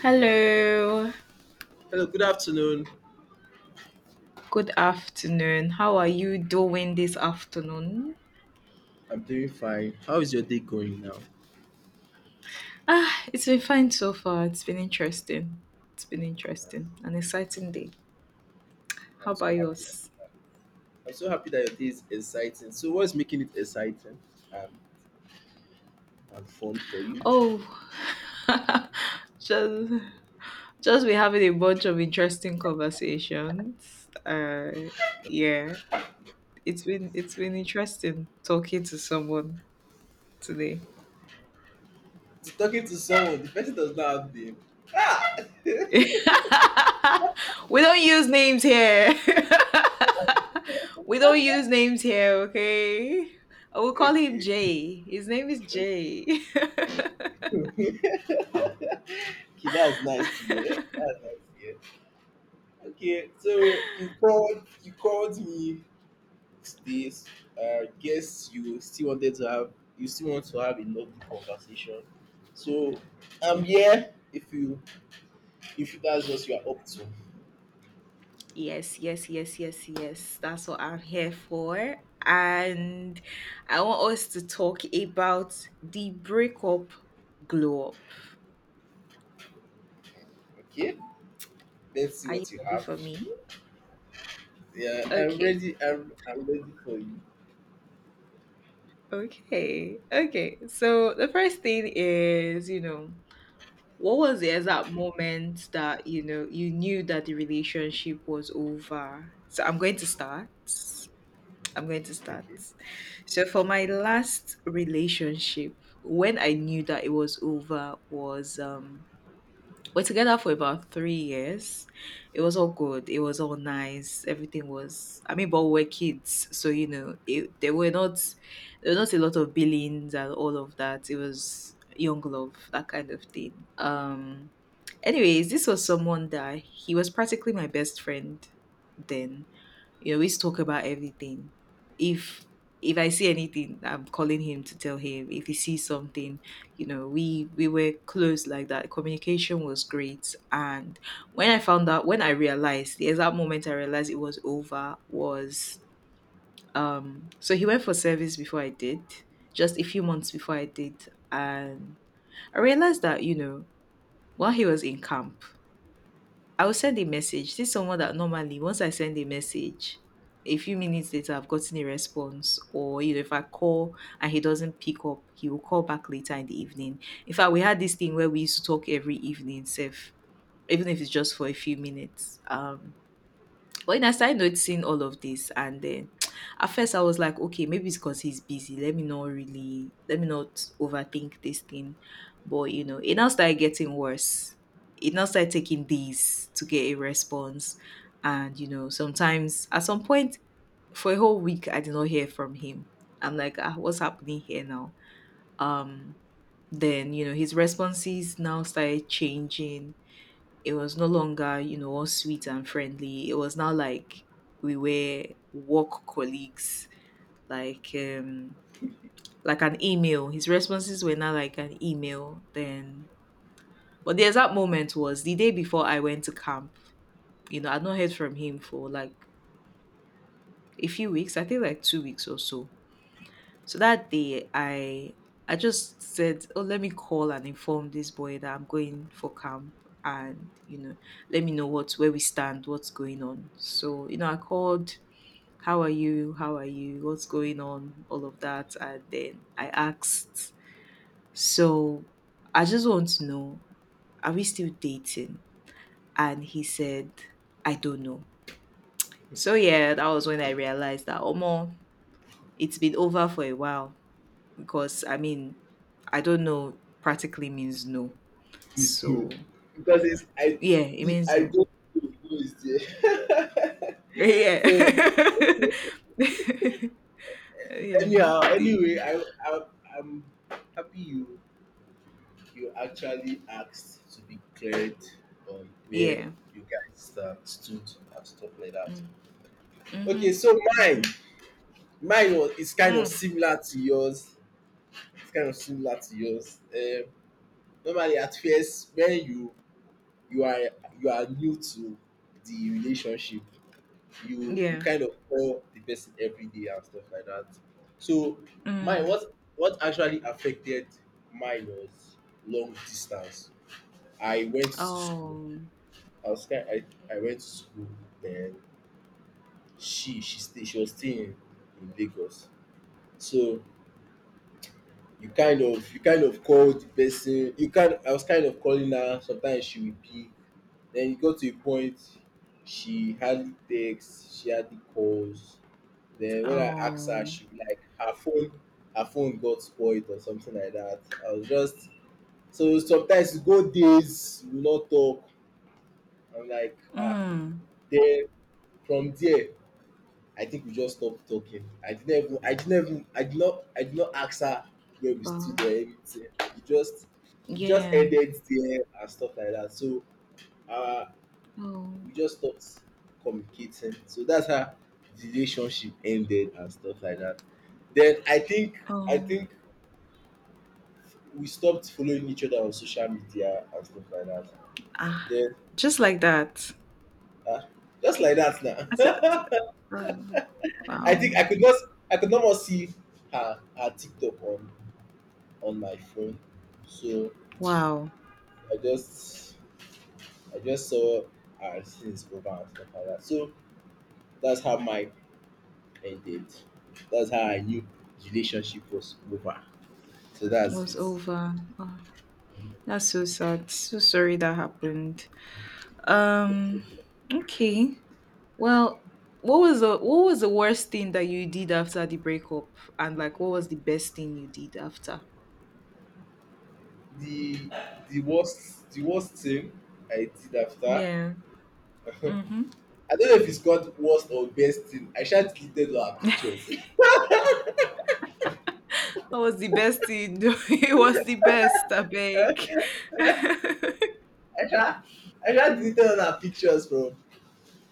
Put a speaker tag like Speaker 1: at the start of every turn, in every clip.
Speaker 1: Hello.
Speaker 2: Hello, good afternoon.
Speaker 1: Good afternoon. How are you doing this afternoon?
Speaker 2: I'm doing fine. How is your day going now?
Speaker 1: Ah, it's been fine so far. It's been interesting. It's been interesting. An exciting day. How
Speaker 2: I'm
Speaker 1: about
Speaker 2: so happy.
Speaker 1: yours?
Speaker 2: I'm so happy that your day is exciting. So, what's making it exciting and, and fun for you?
Speaker 1: Oh, just just we having a bunch of interesting conversations. Yeah, it's been
Speaker 2: Okay.
Speaker 1: interesting talking to someone today.
Speaker 2: Talking to someone, the person does not have name.
Speaker 1: We don't use names here. We don't use names here, okay? I will call him
Speaker 2: Okay.
Speaker 1: Jay. His name is Jay.
Speaker 2: Okay, okay, that's nice to hear. That's nice to hear. Okay, so you called me, this guess you still want to have a lovely conversation, so I'm
Speaker 1: Y-
Speaker 2: here, if you if that's what you are up to.
Speaker 1: yes, yes, yes, yes, yes. That's what I'm here for. And I want us to talk about the breakup glow up.
Speaker 2: Okay, let's see
Speaker 1: Are you
Speaker 2: what you
Speaker 1: ready
Speaker 2: have.
Speaker 1: for me?
Speaker 2: Yeah, I'm
Speaker 1: Okay.
Speaker 2: ready, I'm ready for you.
Speaker 1: Okay. Okay. So the first thing is, what was the exact moment that you knew that the relationship was over? So I'm going to start. I'm going to start.
Speaker 2: Okay,
Speaker 1: So, for my last relationship, when I knew that it was over, was we're together for about 3 years. It was all good. It was all nice. Everything was. I mean, but we are kids, so you know, there were not a lot of billings and all of that. It was young love, that kind of thing. Anyways, this was someone that he was practically my best friend then you always talk about everything. If if I see anything, I'm calling him to tell him. If he sees something, you know, we were close like that. Communication was great. And when I found out, when I realized the exact moment I realized it was over was so he went for service before I did, just a few months before I did, and I realized that while he was in camp, I will send a message. This is someone that normally once I send a message, a few minutes later I've gotten a response. Or if I call and he doesn't pick up, he will call back later in the evening. In fact, we had this thing where we used to talk every evening, safe even if it's just for a few minutes. But then I started noticing all of this, and then at first I was like, okay, maybe it's because he's busy. Let me not really, let me not overthink this thing. But you know, it now started getting worse. It now started taking days to get a response, and you know, sometimes at some point for a whole week I did not hear from him. I'm like, ah, what's happening here now? Um, then you know, his responses now started changing. It was no longer, you know, all sweet and friendly. It was now like we were work colleagues, like um like an email. His responses were now like an email. Then but the exact moment was the day before I went to camp. You know, I'd not heard from him for like a few weeks, I think like 2 weeks or so. So that day, I just said, "Oh, let me call and inform this boy that I'm going for camp, and you know, let me know what's where we stand, what's going on." So you know, I called, "How are you? How are you? What's going on?" All of that, and then I asked, "So I just want to know, are we still dating?" And he said, "I don't know." So yeah, that was when I realized that, oh, it's been over for a while because I mean, I don't know practically means no.
Speaker 2: be slow,
Speaker 1: So
Speaker 2: because it's I
Speaker 1: yeah, it
Speaker 2: the
Speaker 1: means
Speaker 2: I
Speaker 1: no.
Speaker 2: don't know who is there. So,
Speaker 1: Yeah. Yeah.
Speaker 2: anyhow, anyway,
Speaker 1: The
Speaker 2: I I'm happy you actually asked to be cleared on where
Speaker 1: Yeah.
Speaker 2: you guys stood and stuff like that.
Speaker 1: Mm.
Speaker 2: Okay,
Speaker 1: Mhm.
Speaker 2: so mine,
Speaker 1: Mhm.
Speaker 2: mine was is kind of
Speaker 1: Mm.
Speaker 2: similar to yours. It's kind of similar to yours. Normally, at first, when you are you are new to the relationship, you
Speaker 1: Yeah.
Speaker 2: kind of call the person every day and stuff like that. So, mine
Speaker 1: Mm.
Speaker 2: what actually affected mine was long distance. I went to school,
Speaker 1: Oh.
Speaker 2: I was kind I went to school, then she was staying in Lagos. So you kind of called the person, you kind I was kind of calling her. Sometimes she would pick, then it got to a point she hardly texts, she hardly calls. Then when I asked her,
Speaker 1: Oh.
Speaker 2: she be like her phone got spoiled or something like that. I was just, so sometimes you go days we no talk. I'm like, ah,
Speaker 1: Mm.
Speaker 2: then from there, I think we just stopped talking. I did not ask her where we stood or
Speaker 1: Um,
Speaker 2: anything. It just
Speaker 1: yeah.
Speaker 2: ended there and stuff like that. So uh
Speaker 1: Oh.
Speaker 2: we just stopped communicating. So that's how the relationship ended and stuff like that. Then I
Speaker 1: Oh.
Speaker 2: think we stopped following each other on social media and stuff like that.
Speaker 1: Ah.
Speaker 2: Then
Speaker 1: Just like that.
Speaker 2: uh, just like that
Speaker 1: I said,
Speaker 2: now.
Speaker 1: um,
Speaker 2: I think
Speaker 1: wow.
Speaker 2: I could not more see her TikTok on my phone. So
Speaker 1: Wow.
Speaker 2: I just I just saw our since over and stuff like that. So that's how mine ended. That's how I knew the relationship was over. So that's
Speaker 1: Was
Speaker 2: it.
Speaker 1: over. Oh. That's so sad. So sorry that happened.
Speaker 2: No
Speaker 1: Um
Speaker 2: problem.
Speaker 1: okay. Well, what was the worst thing that you did after the breakup? And like what was the best thing you did after?
Speaker 2: The the worst thing I did after,
Speaker 1: Yeah. Mm-hmm.
Speaker 2: I don't know if it's called worst or best thing. I sha deleted all her pictures.
Speaker 1: What was the best thing? It was the best, I beg.
Speaker 2: I sha I sha
Speaker 1: Mm.
Speaker 2: deleted all her pictures from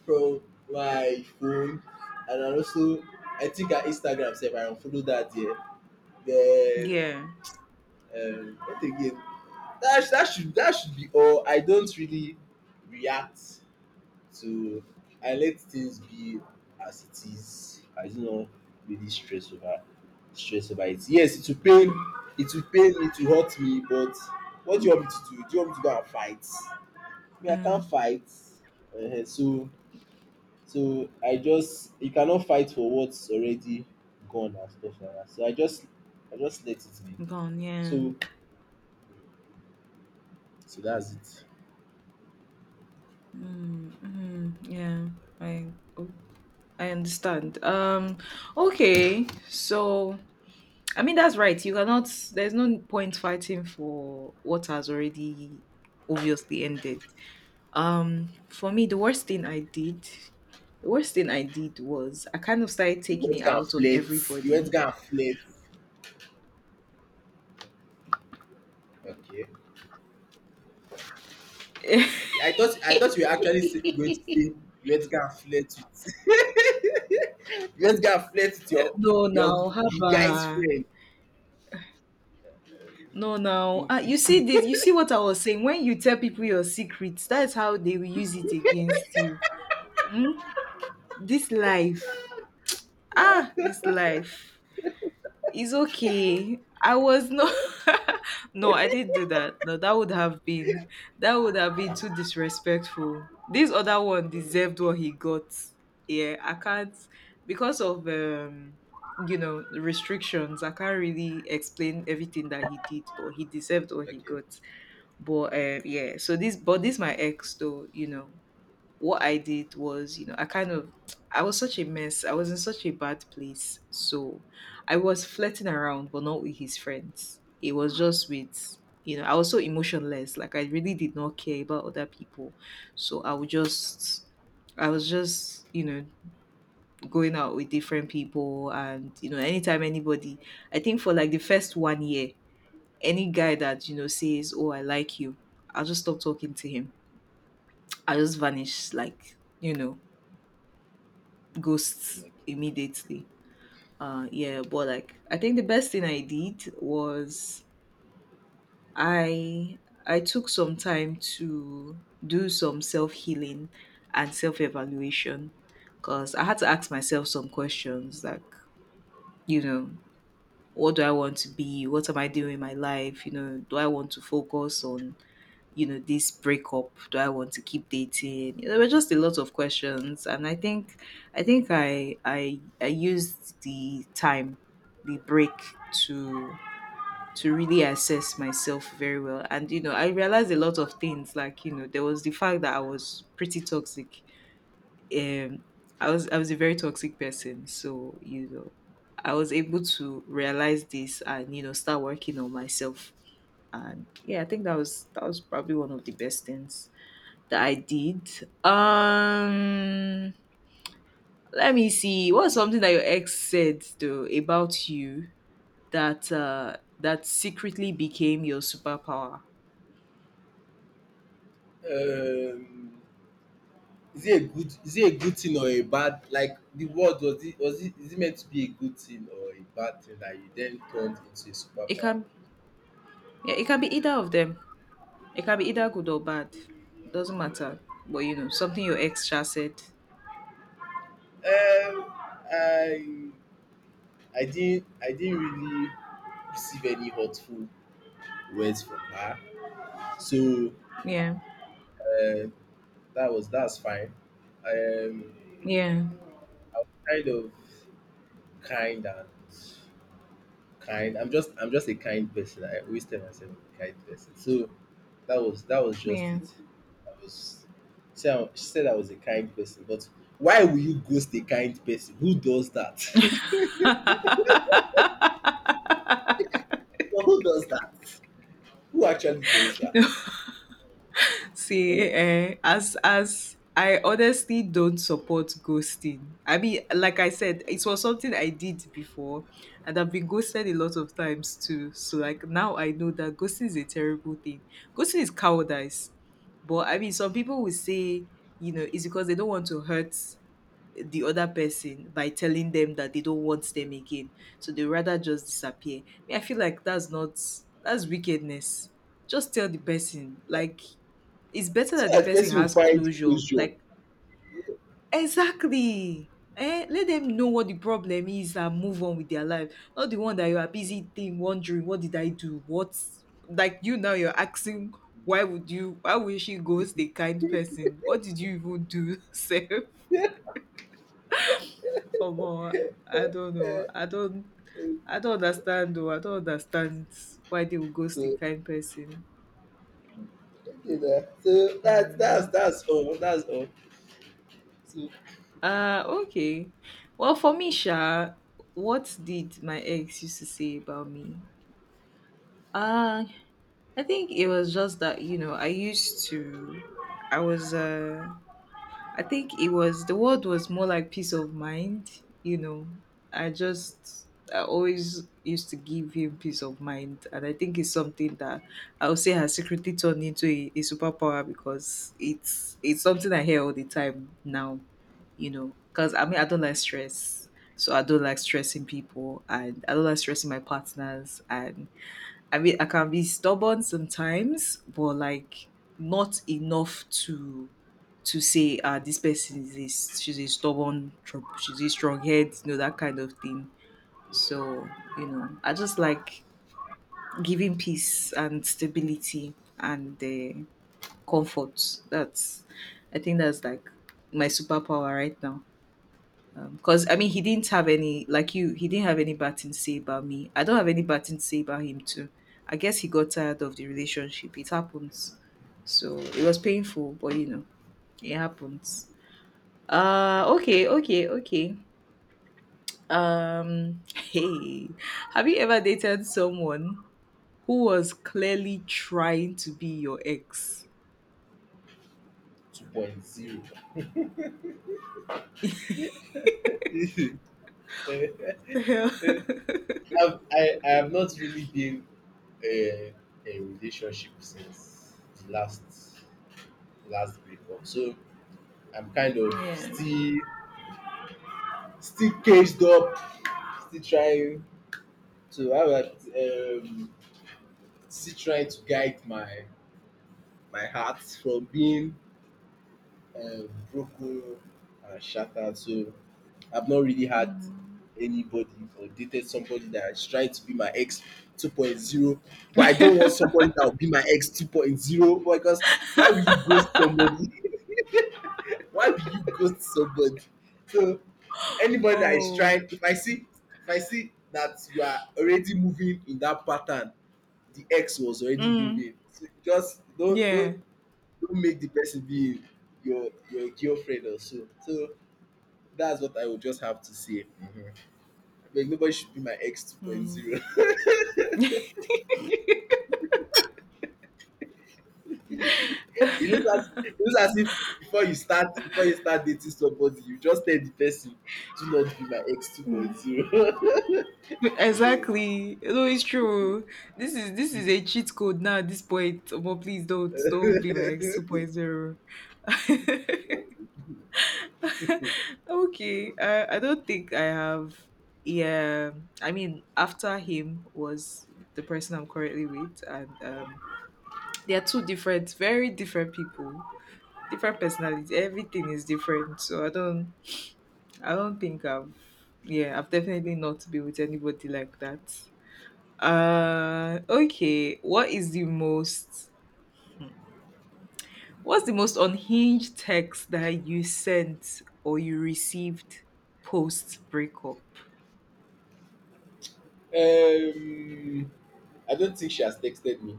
Speaker 2: from my phone. And I also, I think her Instagram sef I unfollow dat there, then
Speaker 1: Yeah.
Speaker 2: what again? That should be all. I don't really react to, I let things be as it is. I do not really stress over, stress over it. Yes,
Speaker 1: Mm.
Speaker 2: it will pain me, it will hurt me, but what do you want me to do? Do you want me to go and fight? Me, I can't
Speaker 1: Mm.
Speaker 2: fight. um so So, I just you cannot fight for what's already gone and stuff like that. So I just let it be.
Speaker 1: Gone, yeah.
Speaker 2: So, that's it.
Speaker 1: Mm, mm, yeah. I oh, I understand. Okay. So I mean, that's right. You cannot, there's no point fighting for what has already obviously ended. For me, the worst thing I did, the worst thing I did was I kind of started
Speaker 2: You
Speaker 1: taking
Speaker 2: went
Speaker 1: it
Speaker 2: to go and
Speaker 1: out on
Speaker 2: flex. You went
Speaker 1: everybody.
Speaker 2: to go and flex. Okay. Okay. I thought you were actually going to say you went to go and flex with, you went to go and flex with
Speaker 1: No, now,
Speaker 2: your the guy's
Speaker 1: haba.
Speaker 2: friend.
Speaker 1: No, now. You see this, what I was saying. When you tell people your secrets, that's how they will use it against you. Hmm? This life. Ah, this life. It's okay. I was not. No, I didn't do that. No, that would have been that would have been too disrespectful. This other one deserved what he got. Yeah, I can't because of restrictions. I can't really explain everything that he did, but he deserved what
Speaker 2: Mm.
Speaker 1: he
Speaker 2: Okay.
Speaker 1: got. But yeah. So but this my ex though. What I did was, I kind of I was such a mess. I was in such a bad place. So I was flirting around, but not with his friends. It was just with I was so emotionless. Like I really did not care about other people. So I was just, going out with different people and anytime anybody I think for like the first 1 year, any guy that says, "Oh, I like you," I'll just stop talking to him. I just vanish like, ghosts immediately. Yeah, but like I think the best thing I did was I I took some time to do some self healing and self evaluation because I had to ask myself some questions like you know what do I want to be? What am I doing in my life? Do I want to focus on this breakup? Do I want to keep dating? There were just a lot of questions, and I think I used the time, the break to to really assess myself very well, and I realized a lot of things. Like there was the fact that I was pretty toxic. Um, I was a very toxic person, so I was able to realize this and start working on myself and yeah I think that was probably one of the best things that I did. Um, Let me see. What's something that your ex said though about you that secretly became your superpower?
Speaker 2: Okay. Is it a good thing or a bad, like the word, was it is it meant to be a good thing or a bad thing that you then turned into a
Speaker 1: It
Speaker 2: superpower?
Speaker 1: can yeah, it can be either of them. It can be either good or bad. It doesn't matter. But something your ex just said.
Speaker 2: Um I didn't really receive any hurtful words from her. So
Speaker 1: Yeah.
Speaker 2: uh, that's fine. Um
Speaker 1: Yeah.
Speaker 2: I was kind of kind and kind. I'm just a kind person. I always tell myself I'm a kind person. So, that was just
Speaker 1: Yeah.
Speaker 2: it. I was She said I was a kind person, but why will you ghost a kind person? Who does that? But who does that? Who actually does that?
Speaker 1: No, see,
Speaker 2: Eh,
Speaker 1: eh, as I honestly don't support ghosting. I mean, like I said, it was something I did before, and I've been ghosted a lot of times too. So like now I know that ghosting is a terrible thing. Ghosting is cowardice. But I mean, some people will say, it's because they don't want to hurt the other person by telling them that they don't want them again. So they rather just disappear. I mean, I feel like that's not that's wickedness. Just tell the person like it's better
Speaker 2: so
Speaker 1: that the
Speaker 2: that
Speaker 1: person
Speaker 2: person will
Speaker 1: has
Speaker 2: find
Speaker 1: closure.
Speaker 2: closure.
Speaker 1: Like, exactly. Eh? Let them know what the problem is and move on with their life. Not the one that you are busy thing wondering, what did I do? What's like you now you're asking why would she ghost a kind person? What did you even do, Seth?
Speaker 2: Yeah.
Speaker 1: Come on. I don't know. I don't understand though. I don't understand why they would ghost a
Speaker 2: So,
Speaker 1: kind person.
Speaker 2: okay, na. So,
Speaker 1: Um
Speaker 2: that's all. That's all. So,
Speaker 1: Okay. Well for me, Sha, what did my ex used to say about me? Uh I think it was just that, I used to I was I think it was the word was more like peace of mind. You know, I just I always used to give him peace of mind, and I think it's something that I would say has secretly turned into a superpower because it's something I hear all the time now. Because I mean I don't like stress, so I don't like stressing people, and I don't like stressing my partners, and I mean, I can be stubborn sometimes, but like not enough to say, ah, this person is this, she's a stubborn, she's a strong head, that kind of thing. So, I just like giving peace and stability and comfort. I think that's like my superpower right now because I mean he didn't have any like you he didn't have any bad thing to say about me. I don't have any bad thing to say about him too. I guess he got tired of the relationship. It happens. So it was painful, it happens. Okay, okay, okay. Hey. Have you ever dated someone who was clearly trying to be your ex?
Speaker 2: two point zero.
Speaker 1: The
Speaker 2: I've,
Speaker 1: hell?
Speaker 2: I have not really been uh, in a relationship since the last break. So I'm kind of
Speaker 1: Yeah.
Speaker 2: still caged up, still trying to, how do I put it, still trying to guide my heart from being broken and shattered. So I've not really had
Speaker 1: Mhm.
Speaker 2: anybody or dated somebody that is trying to be my ex 2.0, but I don't want somebody that will be my ex 2.0, because why will you ghost somebody? Why will you ghost somebody? So anybody that is trying,
Speaker 1: Oh.
Speaker 2: if I see, that you are already moving in that pattern the ex was already
Speaker 1: Mm.
Speaker 2: moving, so just
Speaker 1: Yeah.
Speaker 2: don't make the person be your girlfriend or so. So that's what I would just have to say. Like nobody should be my ex
Speaker 1: Mm.
Speaker 2: 2.0. It looks as if before you start dating somebody, you just tell the person, do not be my ex 2.0.
Speaker 1: Mm.
Speaker 2: Yeah.
Speaker 1: Exactly. No, it's true. This is a cheat code now at this point. But please don't be my ex 2.0.
Speaker 2: Okay.
Speaker 1: Okay. I don't think I have, yeah. I mean after him was the person I'm currently with, and they are two different, very different people. Different personalities. Everything is different. So I don't think I've, yeah, I've definitely not been with anybody like that. Okay. What's the most unhinged text that you sent or you received post breakup?
Speaker 2: Um, I don't think she has texted me,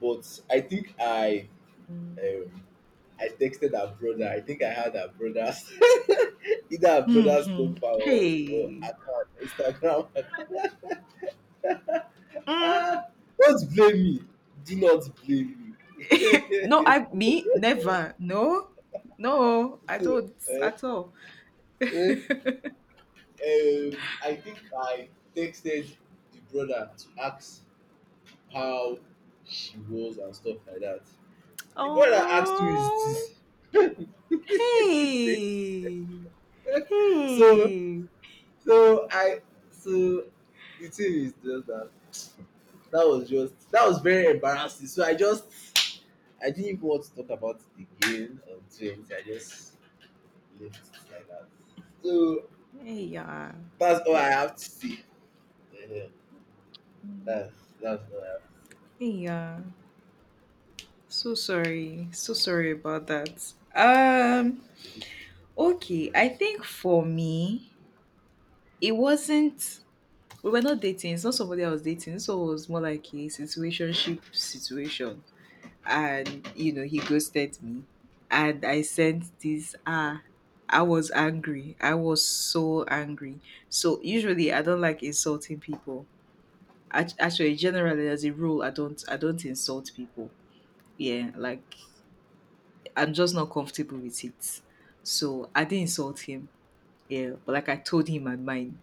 Speaker 2: but
Speaker 1: Mm.
Speaker 2: um, I texted her brother. I think I had her brother's, either her brother's
Speaker 1: Hmm.
Speaker 2: number, or
Speaker 1: Hey.
Speaker 2: account, Instagram.
Speaker 1: Mm.
Speaker 2: Ah, don't blame me. Do not blame
Speaker 1: No,
Speaker 2: me.
Speaker 1: I me never. No. No, I
Speaker 2: So,
Speaker 1: don't
Speaker 2: eh,
Speaker 1: at all.
Speaker 2: eh, I think I texted the brother to ask how she was and stuff like that. The brother asked, who
Speaker 1: Oh.
Speaker 2: is this?
Speaker 1: Hey.
Speaker 2: So,
Speaker 1: Hey.
Speaker 2: so I so the thing is just that, that was just that was very embarrassing. So I didn't even want to talk about it again or do anything. I just left it like that. So
Speaker 1: Hey, yeah.
Speaker 2: that's all I have to say. Yeah, that's that's all I have.
Speaker 1: Hey, yeah. So sorry. So sorry about that. Okay, I think for me, it wasn't. We were not dating. It's not somebody I was dating. So it was more like a situationship situation, and you know he ghosted me, and I sent this. Ah, I was angry. I was so angry. So usually I don't like insulting people. Actually, generally as a rule, I don't. I don't insult people. Yeah, like I'm just not comfortable with it. So I didn't insult him. Yeah, but like I told him my mind.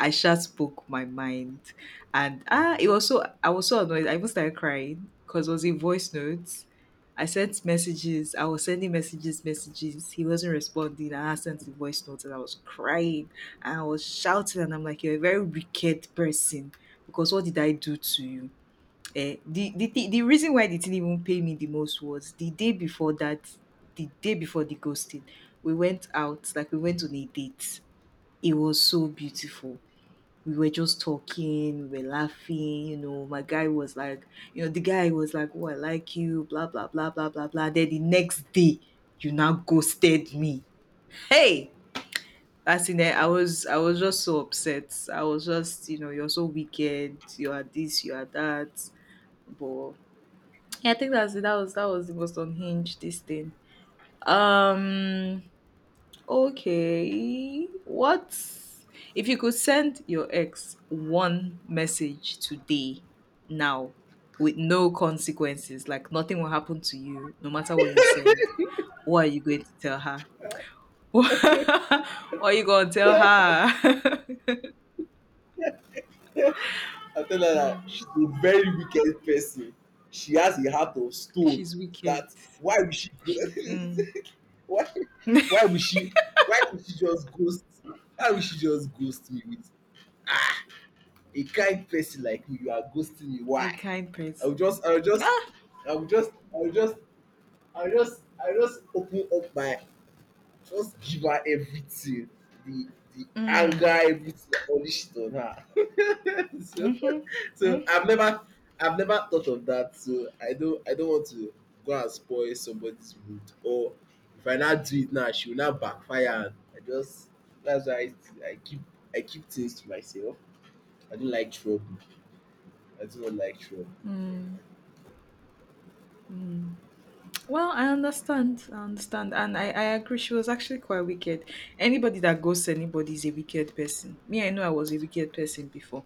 Speaker 1: I just spoke my mind. And it was so I was so annoyed. I even started crying because it was in voice notes. I sent messages. I was sending messages, messages. He wasn't responding. I sent the voice notes and I was crying and I was shouting, and I'm like, you're a very wicked person because what did I do to you? The reason why they didn't even pay me the most was the day before that, the day before the ghosting, we went out, like we went on a date. It was so beautiful, we were just talking, we were laughing, you know. My guy was like, the guy was like, oh, I like you, blah blah blah blah blah blah. Then the next day, you now ghosted me. Hey! As in I was just so upset. I was just, you're so wicked, you are this, you are that. But yeah, I think that's it. That was the most unhinged this thing. Um Okay. What if you could send your ex one message today, now, with no consequences, like nothing will happen to you, no matter what you send? What are you going to tell her? What are you going to tell her?
Speaker 2: I tell her that she's
Speaker 1: Mm,
Speaker 2: a very wicked person. She has a heart of stone.
Speaker 1: she's wicked.
Speaker 2: That Why would she go?
Speaker 1: She, mm,
Speaker 2: why why would she why would she just ghost? Why would she just ghost me, with a kind person like you are ghosting me.
Speaker 1: a
Speaker 2: Why?
Speaker 1: kind
Speaker 2: I will
Speaker 1: person.
Speaker 2: just, I will just,
Speaker 1: Ah.
Speaker 2: I will just, I will just, I will just open up my, just give her everything, the anger,
Speaker 1: Mm.
Speaker 2: everything, all this shit on her. So,
Speaker 1: Mm-hmm.
Speaker 2: so
Speaker 1: Mm-hmm.
Speaker 2: I've never, I've never thought of that. So I don't want to go and spoil somebody's mood. Or if I now do it now, she will now backfire. And that's why I, I keep, I keep things to myself. I don't like trouble. I do not like troll.
Speaker 1: Mm. Mm. Well, I understand. I understand. And I agree. She was actually quite wicked. Anybody that ghosts anybody is a wicked person. Me, I know I was a wicked person before.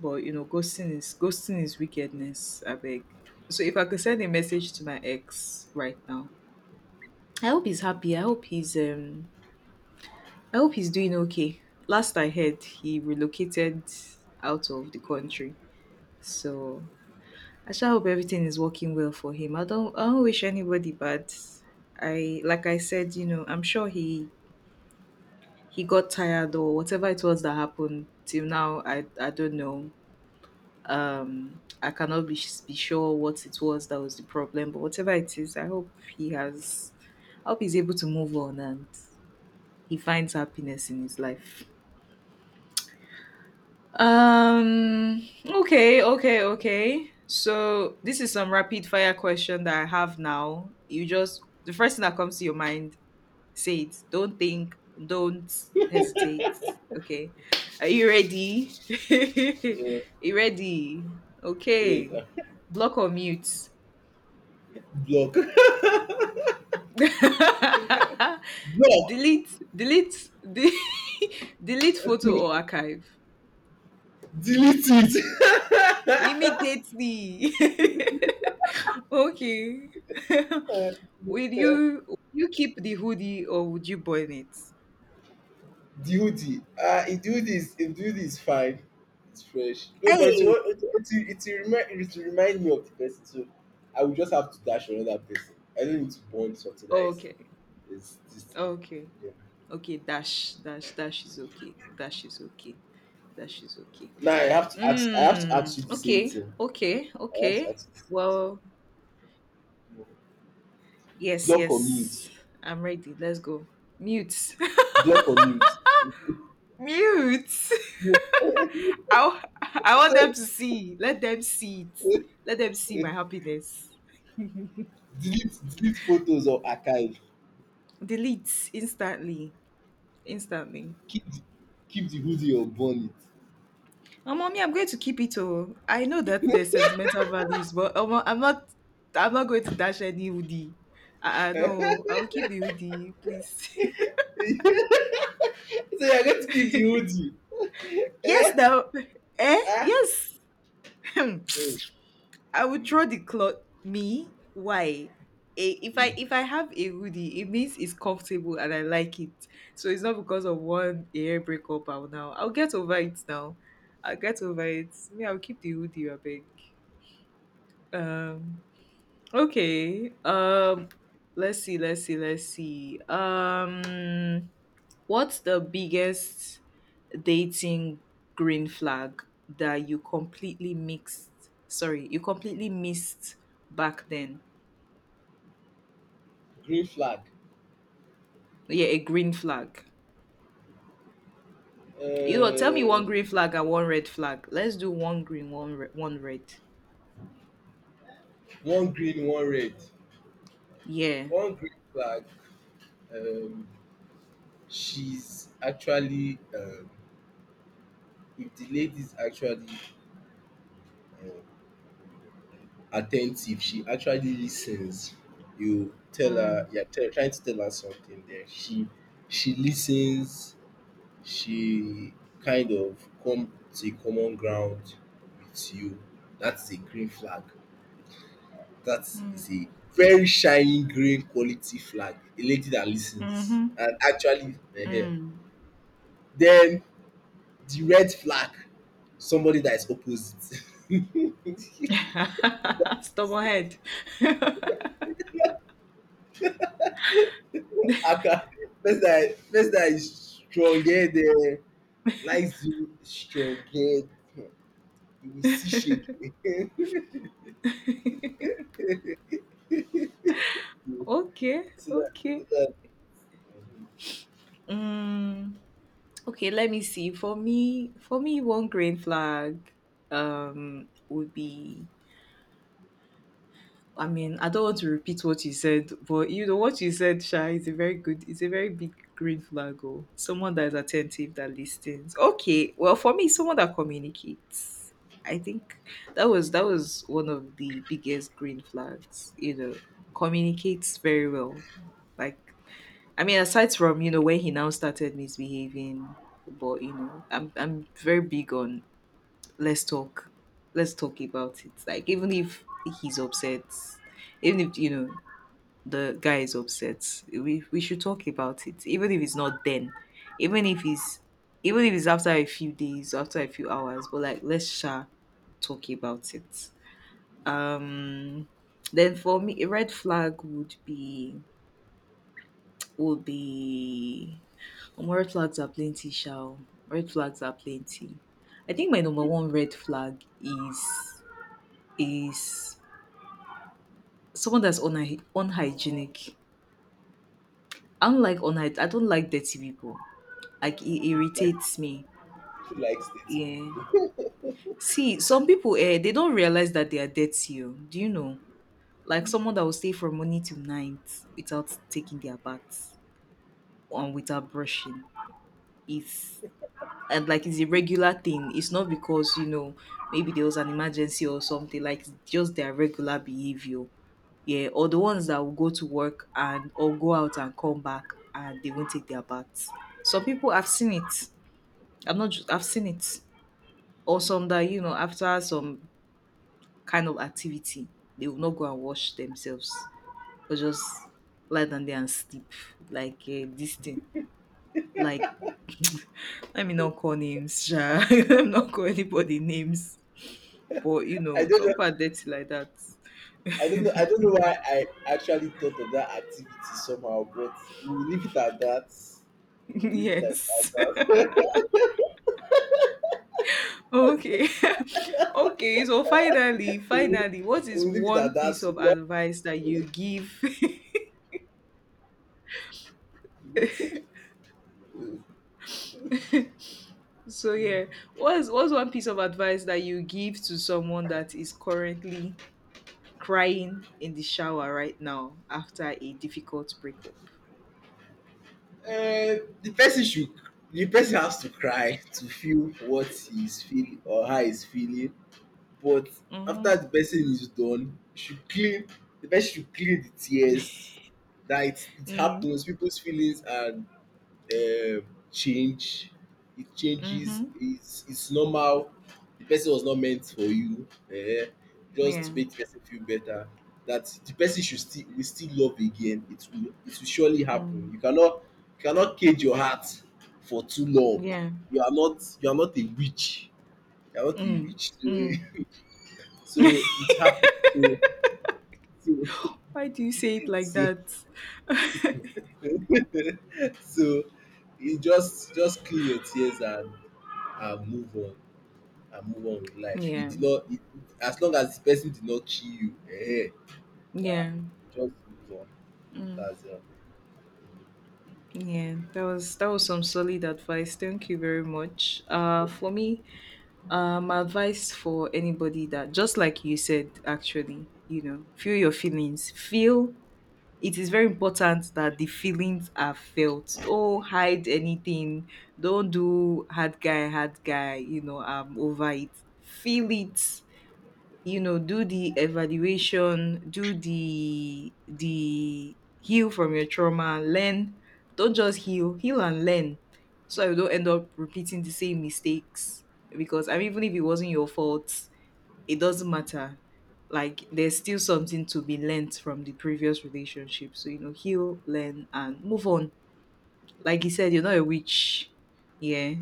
Speaker 1: But you know, ghosting is wickedness, I beg. So if I could send a message to my ex right now. I hope he's happy. I hope he's doing okay. Last I heard he relocated out of the country. So I sure hope everything is working well for him. I don't wish anybody bad. I like I said, I'm sure he got tired or whatever it was that happened till now. I don't know. I cannot be sure what it was that was the problem, but whatever it is, I hope he has. I hope he's able to move on and he finds happiness in his life. Okay. Okay. Okay. So this is some rapid fire question that I have now. You just the first thing that comes to your mind, say it. Don't think. Don't hesitate. Okay. Are you ready?
Speaker 2: Yeah,
Speaker 1: You ready? Okay.
Speaker 2: yeah.
Speaker 1: Block or mute.
Speaker 2: Block. Block.
Speaker 1: Delete. Delete. De- delete photo or archive.
Speaker 2: Delete it.
Speaker 1: Immediately. Okay.
Speaker 2: uh,
Speaker 1: Will you keep the hoodie or would you burn it?
Speaker 2: Duty. Ah, it do this. It do this fine. It's fresh. No, but
Speaker 1: Hey,
Speaker 2: it will remind me of the person. So I will just have to dash another person. I don't need to bond something that is,
Speaker 1: okay.
Speaker 2: this thing.
Speaker 1: Okay.
Speaker 2: Yeah.
Speaker 1: Okay. Dash. Dash. Dash is okay. Dash is okay. Dash is okay.
Speaker 2: Now I have to ask. I have to ask you
Speaker 1: Mm,
Speaker 2: the same
Speaker 1: okay.
Speaker 2: thing.
Speaker 1: Okay.
Speaker 2: I have to
Speaker 1: Okay.
Speaker 2: ask you the same
Speaker 1: Well,
Speaker 2: thing.
Speaker 1: yes,
Speaker 2: Block or
Speaker 1: yes.
Speaker 2: mute.
Speaker 1: I'm ready. Let's go. Mute.
Speaker 2: Block or mute.
Speaker 1: Mute.
Speaker 2: Yeah.
Speaker 1: I want them to see. Let them see it. Let them see my
Speaker 2: delete
Speaker 1: happiness.
Speaker 2: delete photos or archive?
Speaker 1: Deletes instantly, instantly.
Speaker 2: Keep the, keep the hoodie or burn
Speaker 1: Oh mommy, I'm going to keep it all. I know that there's sentimental values, but I'm not going to dash any hoodie. I, no, I will keep the hoodie, please.
Speaker 2: it? So you are going to keep the hoodie?
Speaker 1: Yes
Speaker 2: Eh.
Speaker 1: now.
Speaker 2: Ah.
Speaker 1: Yes.
Speaker 2: Hmm,
Speaker 1: I would
Speaker 2: hmm,
Speaker 1: throw the cloth. Me, why? If
Speaker 2: hmm.
Speaker 1: I have a hoodie, it means it's comfortable and I like it. So it's not because of one hair breakup I'll get over it now. I'll get over it. Me, I'll keep the hoodie, I beg. Um. Okay. Let's see. Let's see. Let's see. What's the biggest dating green flag that you completely mixed? Sorry, you completely missed back then.
Speaker 2: Green flag?
Speaker 1: Yeah, a green flag. You know, tell me
Speaker 2: um
Speaker 1: one green flag and one red flag. Let's do one green, one red.
Speaker 2: One green, one red.
Speaker 1: Yeah.
Speaker 2: One green flag. um she's actually, if the lady is actually attentive. She actually listens. You tell
Speaker 1: Mm.
Speaker 2: her, trying to tell her something there. She listens. She kind of come to a common ground with you. That's a green flag. That
Speaker 1: Mm.
Speaker 2: is a very shining green quality flag. A lady that listens
Speaker 1: Mm-hmm.
Speaker 2: and actually, eh, eh. Then the red flag, somebody that is opposite.
Speaker 1: Mm. Stubborn head.
Speaker 2: Aka, person that is strong headed, likes you strong head, you will see shaking.
Speaker 1: Okay.
Speaker 2: so that so
Speaker 1: Okay.
Speaker 2: that
Speaker 1: Mm, okay, let me see. For me, one green flag would be, I mean, I don't want to repeat what you said, but you know what you said, Sha, is a very good, it's a very big green flag. Oh, someone that is attentive, that listens. Okay, well, for me, someone that communicates. I think that was one of the biggest green flags. You know, communicates very well. Like I mean, aside from when he now started misbehaving, but you know, I'm very big on let's talk, let's talk about it. Like even if he's upset, even if the guy is upset, we should talk about it. Even if it's not then, even if it's even if it's after a few days, after a few hours, but like let's share, talk about it. Um, then for me, a red flag would be, would be Omo, red flags are plenty, sha. Red flags are plenty. I think my number one red flag is someone that's unhygienic. I don't like I don't like dirty people. Like it
Speaker 2: like,
Speaker 1: irritates me.
Speaker 2: she likes dirty
Speaker 1: Yeah.
Speaker 2: people.
Speaker 1: See, some people they don't realize that they are dirty. Oh. Do you know? Like someone that will stay from morning till night without taking their bath and without brushing. It's and like it's a regular thing. It's not because maybe there was an emergency or something. Like it's just their regular behavior, yeah. Or the ones that will go to work and or go out and come back and they won't take their baths. Some people I've seen it. I'm not. I've seen it. Or some that after some kind of activity they will not go and wash themselves or just lie down there and sleep like this thing. Like let me not call names. Sha. Let me not call anybody names, but
Speaker 2: i don't
Speaker 1: some
Speaker 2: know
Speaker 1: people are dirty like that.
Speaker 2: I don't know why I actually thought of that activity somehow, but we will leave it at that. We will leave it like at
Speaker 1: Yes.
Speaker 2: that.
Speaker 1: Okay. Okay. So finally,
Speaker 2: we will leave
Speaker 1: finally, what
Speaker 2: we
Speaker 1: is
Speaker 2: will leave it at
Speaker 1: one piece
Speaker 2: that. We
Speaker 1: of
Speaker 2: will not,
Speaker 1: advice that
Speaker 2: we
Speaker 1: you
Speaker 2: will.
Speaker 1: give? So yeah, what's one piece of advice that you give to someone that is currently crying in the shower right now after a difficult breakup?
Speaker 2: uh, the person should the person has to cry to feel what he is feeling or how he is feeling. But
Speaker 1: Mm-hmm.
Speaker 2: after the person is done, you should clean the person should clean the tears. It
Speaker 1: Mm.
Speaker 2: happens. People's feelings and, um, change. It changes.
Speaker 1: Mm-hmm.
Speaker 2: It's normal. The person was not meant for you. Eh, just to
Speaker 1: Yeah.
Speaker 2: make the person feel better. That the person should still, will still love again. It will surely
Speaker 1: Mm.
Speaker 2: happen. You cannot cage your heart for too long.
Speaker 1: Yeah.
Speaker 2: You are not a witch. You are not a
Speaker 1: Mm.
Speaker 2: witch. So,
Speaker 1: Mm.
Speaker 2: so it happened. So so
Speaker 1: Why do you say it like
Speaker 2: so,
Speaker 1: that?
Speaker 2: so you just clean your tears, and move on with life. You
Speaker 1: Yeah,
Speaker 2: did not it, it- As long as the person did not kill you, eh, yeah,
Speaker 1: yeah,
Speaker 2: just move on.
Speaker 1: mm,
Speaker 2: That's all.
Speaker 1: yeah. That was some solid advice. Thank you very much. For me, my advice for anybody that, just like you said, actually, feel your feelings. Feel. It is very important that the feelings are felt. Don't hide anything. Don't do hard guy, hard guy. You know, over it. Feel it, do the evaluation, do the heal from your trauma, learn. Don't just heal, heal and learn. So I don't end up repeating the same mistakes, because I mean even if it wasn't your fault, it doesn't matter. Like there's still something to be learnt from the previous relationship. So, heal, learn and move on. Like you said, you're not a witch, yeah.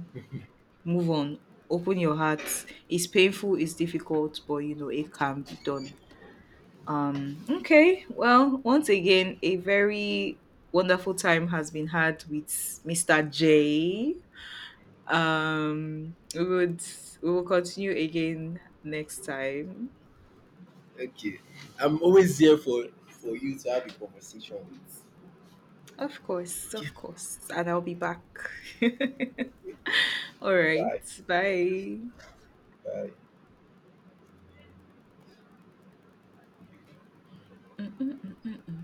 Speaker 1: Move on. Open your heart. It's painful, it's difficult, but it can be done. Okay. Well, once again, a very wonderful time has been had with Mr. J. Um, we would we will continue again next time.
Speaker 2: Okay. I'm always here for, you to have a conversation with.
Speaker 1: Of course,
Speaker 2: Okay.
Speaker 1: of course. And I'll be back. All right.
Speaker 2: Bye.
Speaker 1: Bye.
Speaker 2: Bye.